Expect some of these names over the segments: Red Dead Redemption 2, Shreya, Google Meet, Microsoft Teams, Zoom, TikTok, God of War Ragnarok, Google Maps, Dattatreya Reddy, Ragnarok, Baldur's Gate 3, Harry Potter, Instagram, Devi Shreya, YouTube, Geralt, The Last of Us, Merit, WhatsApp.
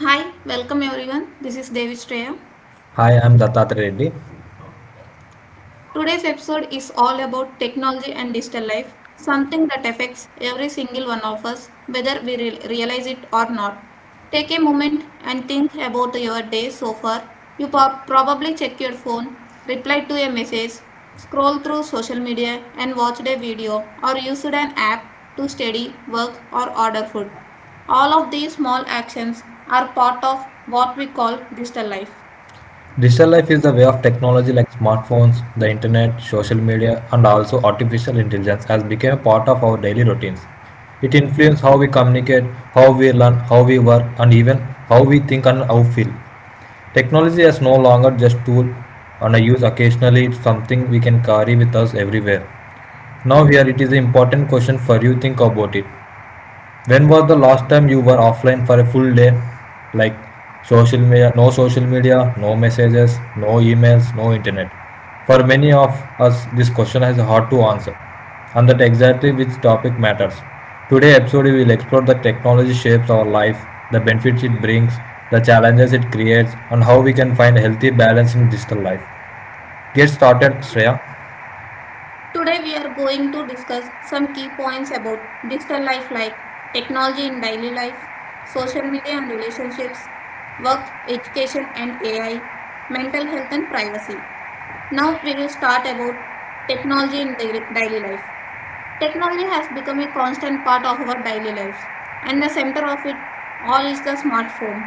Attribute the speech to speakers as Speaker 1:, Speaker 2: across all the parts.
Speaker 1: Hi, welcome everyone. This is Devi Shreya.
Speaker 2: Hi, I'm Dattatreya Reddy.
Speaker 1: Today's episode is all about technology and digital life, something that affects every single one of us, whether realize it or not. Take a moment and think about your day so far. Probably check your phone, replied to a message, scroll through social media, and watched a video or used an app to study, work, or order food. All of these small actions are part of what we call digital life.
Speaker 2: Digital life is the way of technology like smartphones, the internet, social media, and also artificial intelligence has become a part of our daily routines. It influences how we communicate, how we learn, how we work, and even how we think and how feel. Technology is no longer just tool and a use occasionally, it's something we can carry with us everywhere. Now here it is an important question for you think about it. When was the last time you were offline for a full day? Like social media, no messages, no emails, no internet. For many of us, this question is hard to answer, and that exactly which topic matters. Today episode we will explore the technology shapes our life, the benefits it brings, the challenges it creates, and how we can find healthy balance in digital life. Get started, Shreya.
Speaker 1: Today we are going to discuss some key points about digital life like technology in daily life, social media and relationships, work, education and AI, mental health and privacy. Now we will start about technology in daily life. Technology has become a constant part of our daily lives and the center of it all is the smartphone.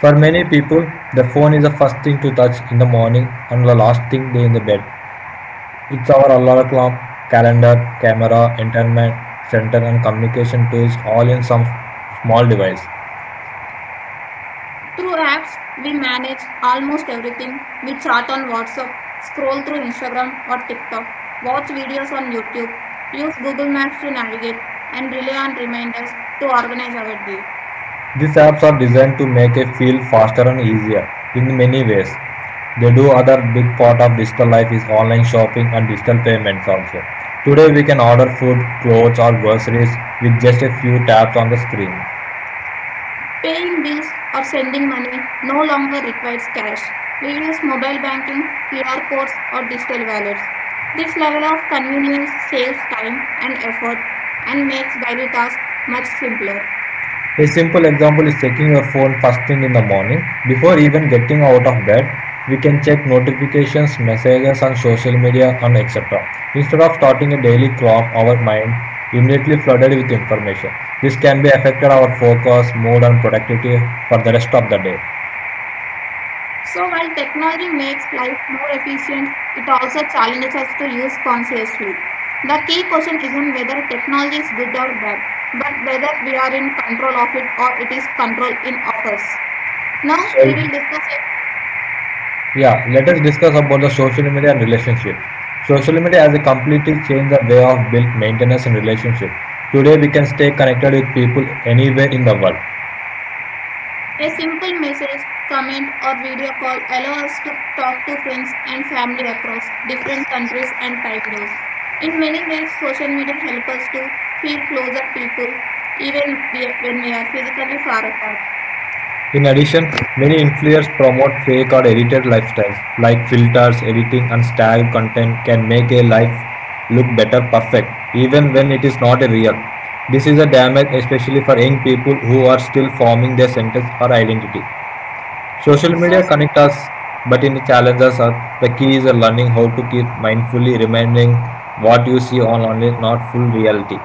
Speaker 2: For many people, the phone is the first thing to touch in the morning and the last thing they in the bed. It's our alarm clock, calendar, camera, entertainment center, and communication tools all in some small device.
Speaker 1: Through apps, we manage almost everything. We chat on WhatsApp, scroll through Instagram or TikTok, watch videos on YouTube, use Google Maps to navigate, and rely on reminders to organize our day.
Speaker 2: These apps are designed to make it feel faster and easier in many ways. They do other big part of digital life is online shopping and digital payments also. Today we can order food, clothes or groceries with just a few taps on the screen.
Speaker 1: Paying bills or sending money no longer requires cash. We use mobile banking, QR codes, or digital wallets. This level of convenience saves time and effort and makes daily tasks much simpler.
Speaker 2: A simple example is checking your phone first thing in the morning. Before even getting out of bed, we can check notifications, messages on social media and etc. Instead of starting a daily clock, our mind immediately flooded with information. This can be affected our focus, mood and productivity for the rest of the day.
Speaker 1: So while technology makes life more efficient, it also challenges us to use consciously. The key question isn't whether technology is good or bad, but whether we are in control of it or it is control in of us. Now
Speaker 2: So
Speaker 1: we will discuss it.
Speaker 2: yeah, let us discuss about the social media and relationships. Social media has a completely changed the way of build, maintenance and relationship. Today we can stay connected with people anywhere in the world.
Speaker 1: A simple message, comment or video call allows us to talk to friends and family across different countries and time zones. In many ways, social media helps us to feel closer people when we are physically far apart.
Speaker 2: In addition, many influencers promote fake or edited lifestyles, like filters, editing, and style content can make a life look better perfect, even when it is not a real. This is a damage especially for young people who are still forming their sentence or identity. Social media
Speaker 1: Social
Speaker 2: connect us, but in the challenges are the key is learning how to keep mindfully remembering what you see online is not full reality.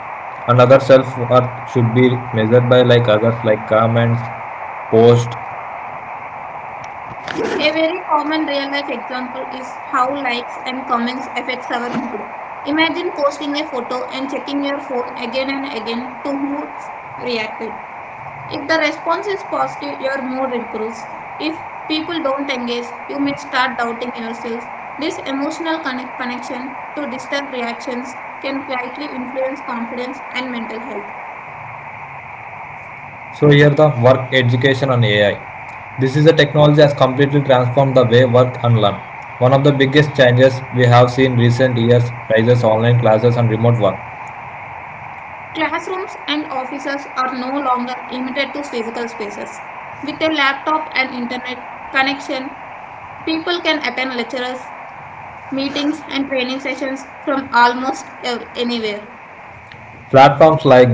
Speaker 2: Another self worth should be measured by like others like comments, posts.
Speaker 1: a very common real-life example is how likes and comments affects our mood. Imagine posting a photo and checking your phone again and again to who reacted. If the response is positive, your mood improves. If people don't engage, you may start doubting yourself. This connection to distant reactions can quietly influence confidence and mental health.
Speaker 2: So here the work, education and AI. This is a technology has completely transformed the way work and learn. One of the biggest changes we have seen recent years rises online classes and remote work.
Speaker 1: Classrooms and offices are no longer limited to physical spaces. With a laptop and internet connection, people can attend lectures, meetings, and training sessions from anywhere.
Speaker 2: Platforms like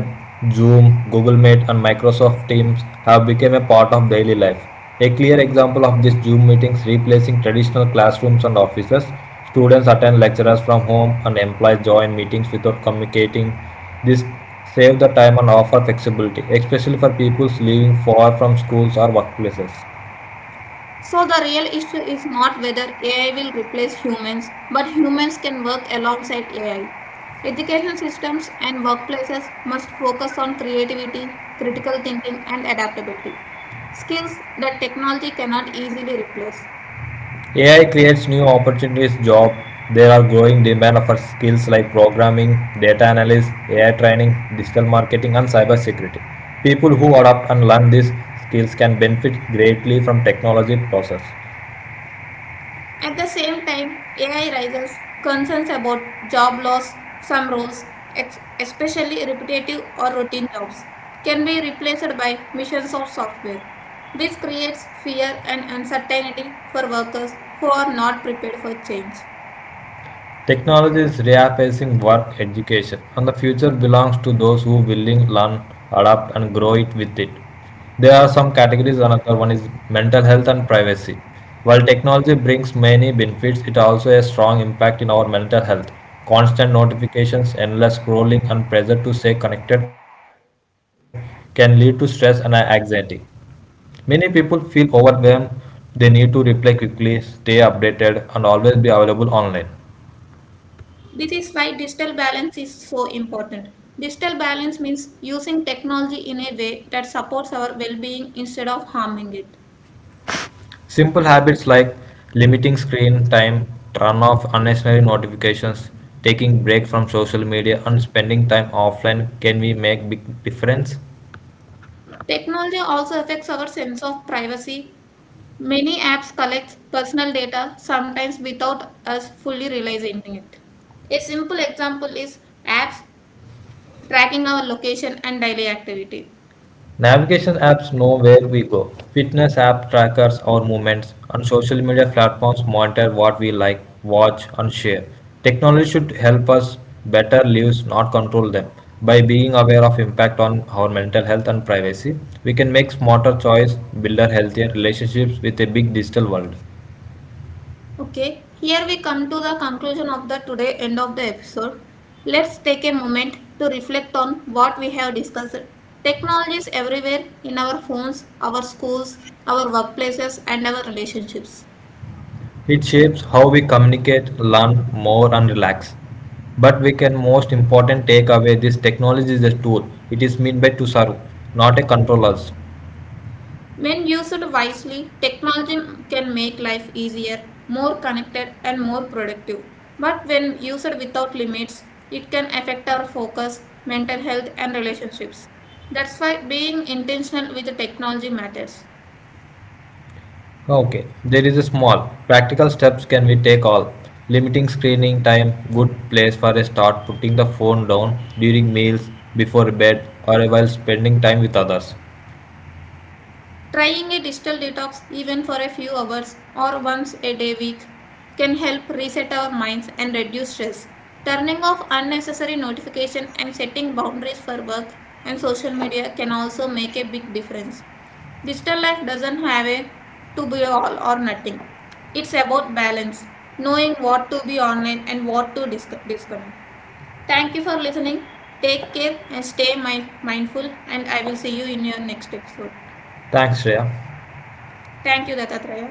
Speaker 2: Zoom, Google Meet and Microsoft Teams have become a part of daily life. A clear example of this Zoom meetings replacing traditional classrooms and offices. Students attend lectures from home and employees join meetings without communicating. This saves the time and offers flexibility, especially for people living far from schools or workplaces.
Speaker 1: So, the real issue is not whether AI will replace humans, but humans can work alongside AI. Education systems and workplaces must focus on creativity, critical thinking, and adaptability skills that technology cannot easily replace.
Speaker 2: AI creates new opportunities job. There are growing demand for skills like programming, data analysis, AI training, digital marketing and cybersecurity. People who adapt and learn these skills can benefit greatly from technology process.
Speaker 1: At the same time, AI raises concerns about job loss. Some roles, especially repetitive or routine jobs, can be replaced by machines or software. This creates fear and uncertainty for workers who are not prepared for change.
Speaker 2: Technology is reaffacing work education, and the future belongs to those who willing learn, adapt, and grow it with it. There are some categories. Another one is mental health and privacy. While technology brings many benefits, it also has strong impact in our mental health. Constant notifications, endless scrolling, and pressure to stay connected can lead to stress and anxiety. Many people feel overwhelmed. They need to reply quickly, stay updated, and always be available online.
Speaker 1: This is why digital balance is so important. Digital balance means using technology in a way that supports our well being instead of harming it.
Speaker 2: Simple habits like limiting screen time, turn off unnecessary notifications, taking breaks from social media, and spending time offline can we make big difference.
Speaker 1: Technology also affects our sense of privacy. Many apps collect personal data, sometimes without us fully realizing it. A simple example is apps tracking our location and daily activity.
Speaker 2: Navigation apps know where we go. Fitness app trackers our movements. And social media platforms monitor what we like, watch, and share. Technology should help us better lives, not control them. By being aware of impact on our mental health and privacy, we can make smarter choice, build our healthier relationships with a big digital world.
Speaker 1: Okay, here we come to the conclusion of the today end of the episode. Let's take a moment to reflect on what we have discussed. Technology is everywhere in our phones, our schools, our workplaces, and our relationships.
Speaker 2: It shapes how we communicate, learn more, and relax. But we can most important take away this technology is a tool. It is meant by to serve, not a control us.
Speaker 1: When used wisely, technology can make life easier, more connected, and more productive. But when used without limits, it can affect our focus, mental health, and relationships. That's why being intentional with the technology matters.
Speaker 2: Okay, there is a small. Practical steps can we take all? Limiting screening time, good place for a start, putting the phone down during meals, before bed, or while spending time with others.
Speaker 1: Trying a digital detox, even for a few hours or once a day week, can help reset our minds and reduce stress. Turning off unnecessary notifications and setting boundaries for work and social media can also make a big difference. Digital life doesn't have a to be all or nothing. It's about balance, knowing what to be online and what to disconnect. Thank you for listening. Take care and stay mindful and I will see you in your next episode.
Speaker 2: Thanks, Shreya.
Speaker 1: Thank you देता ट्रेया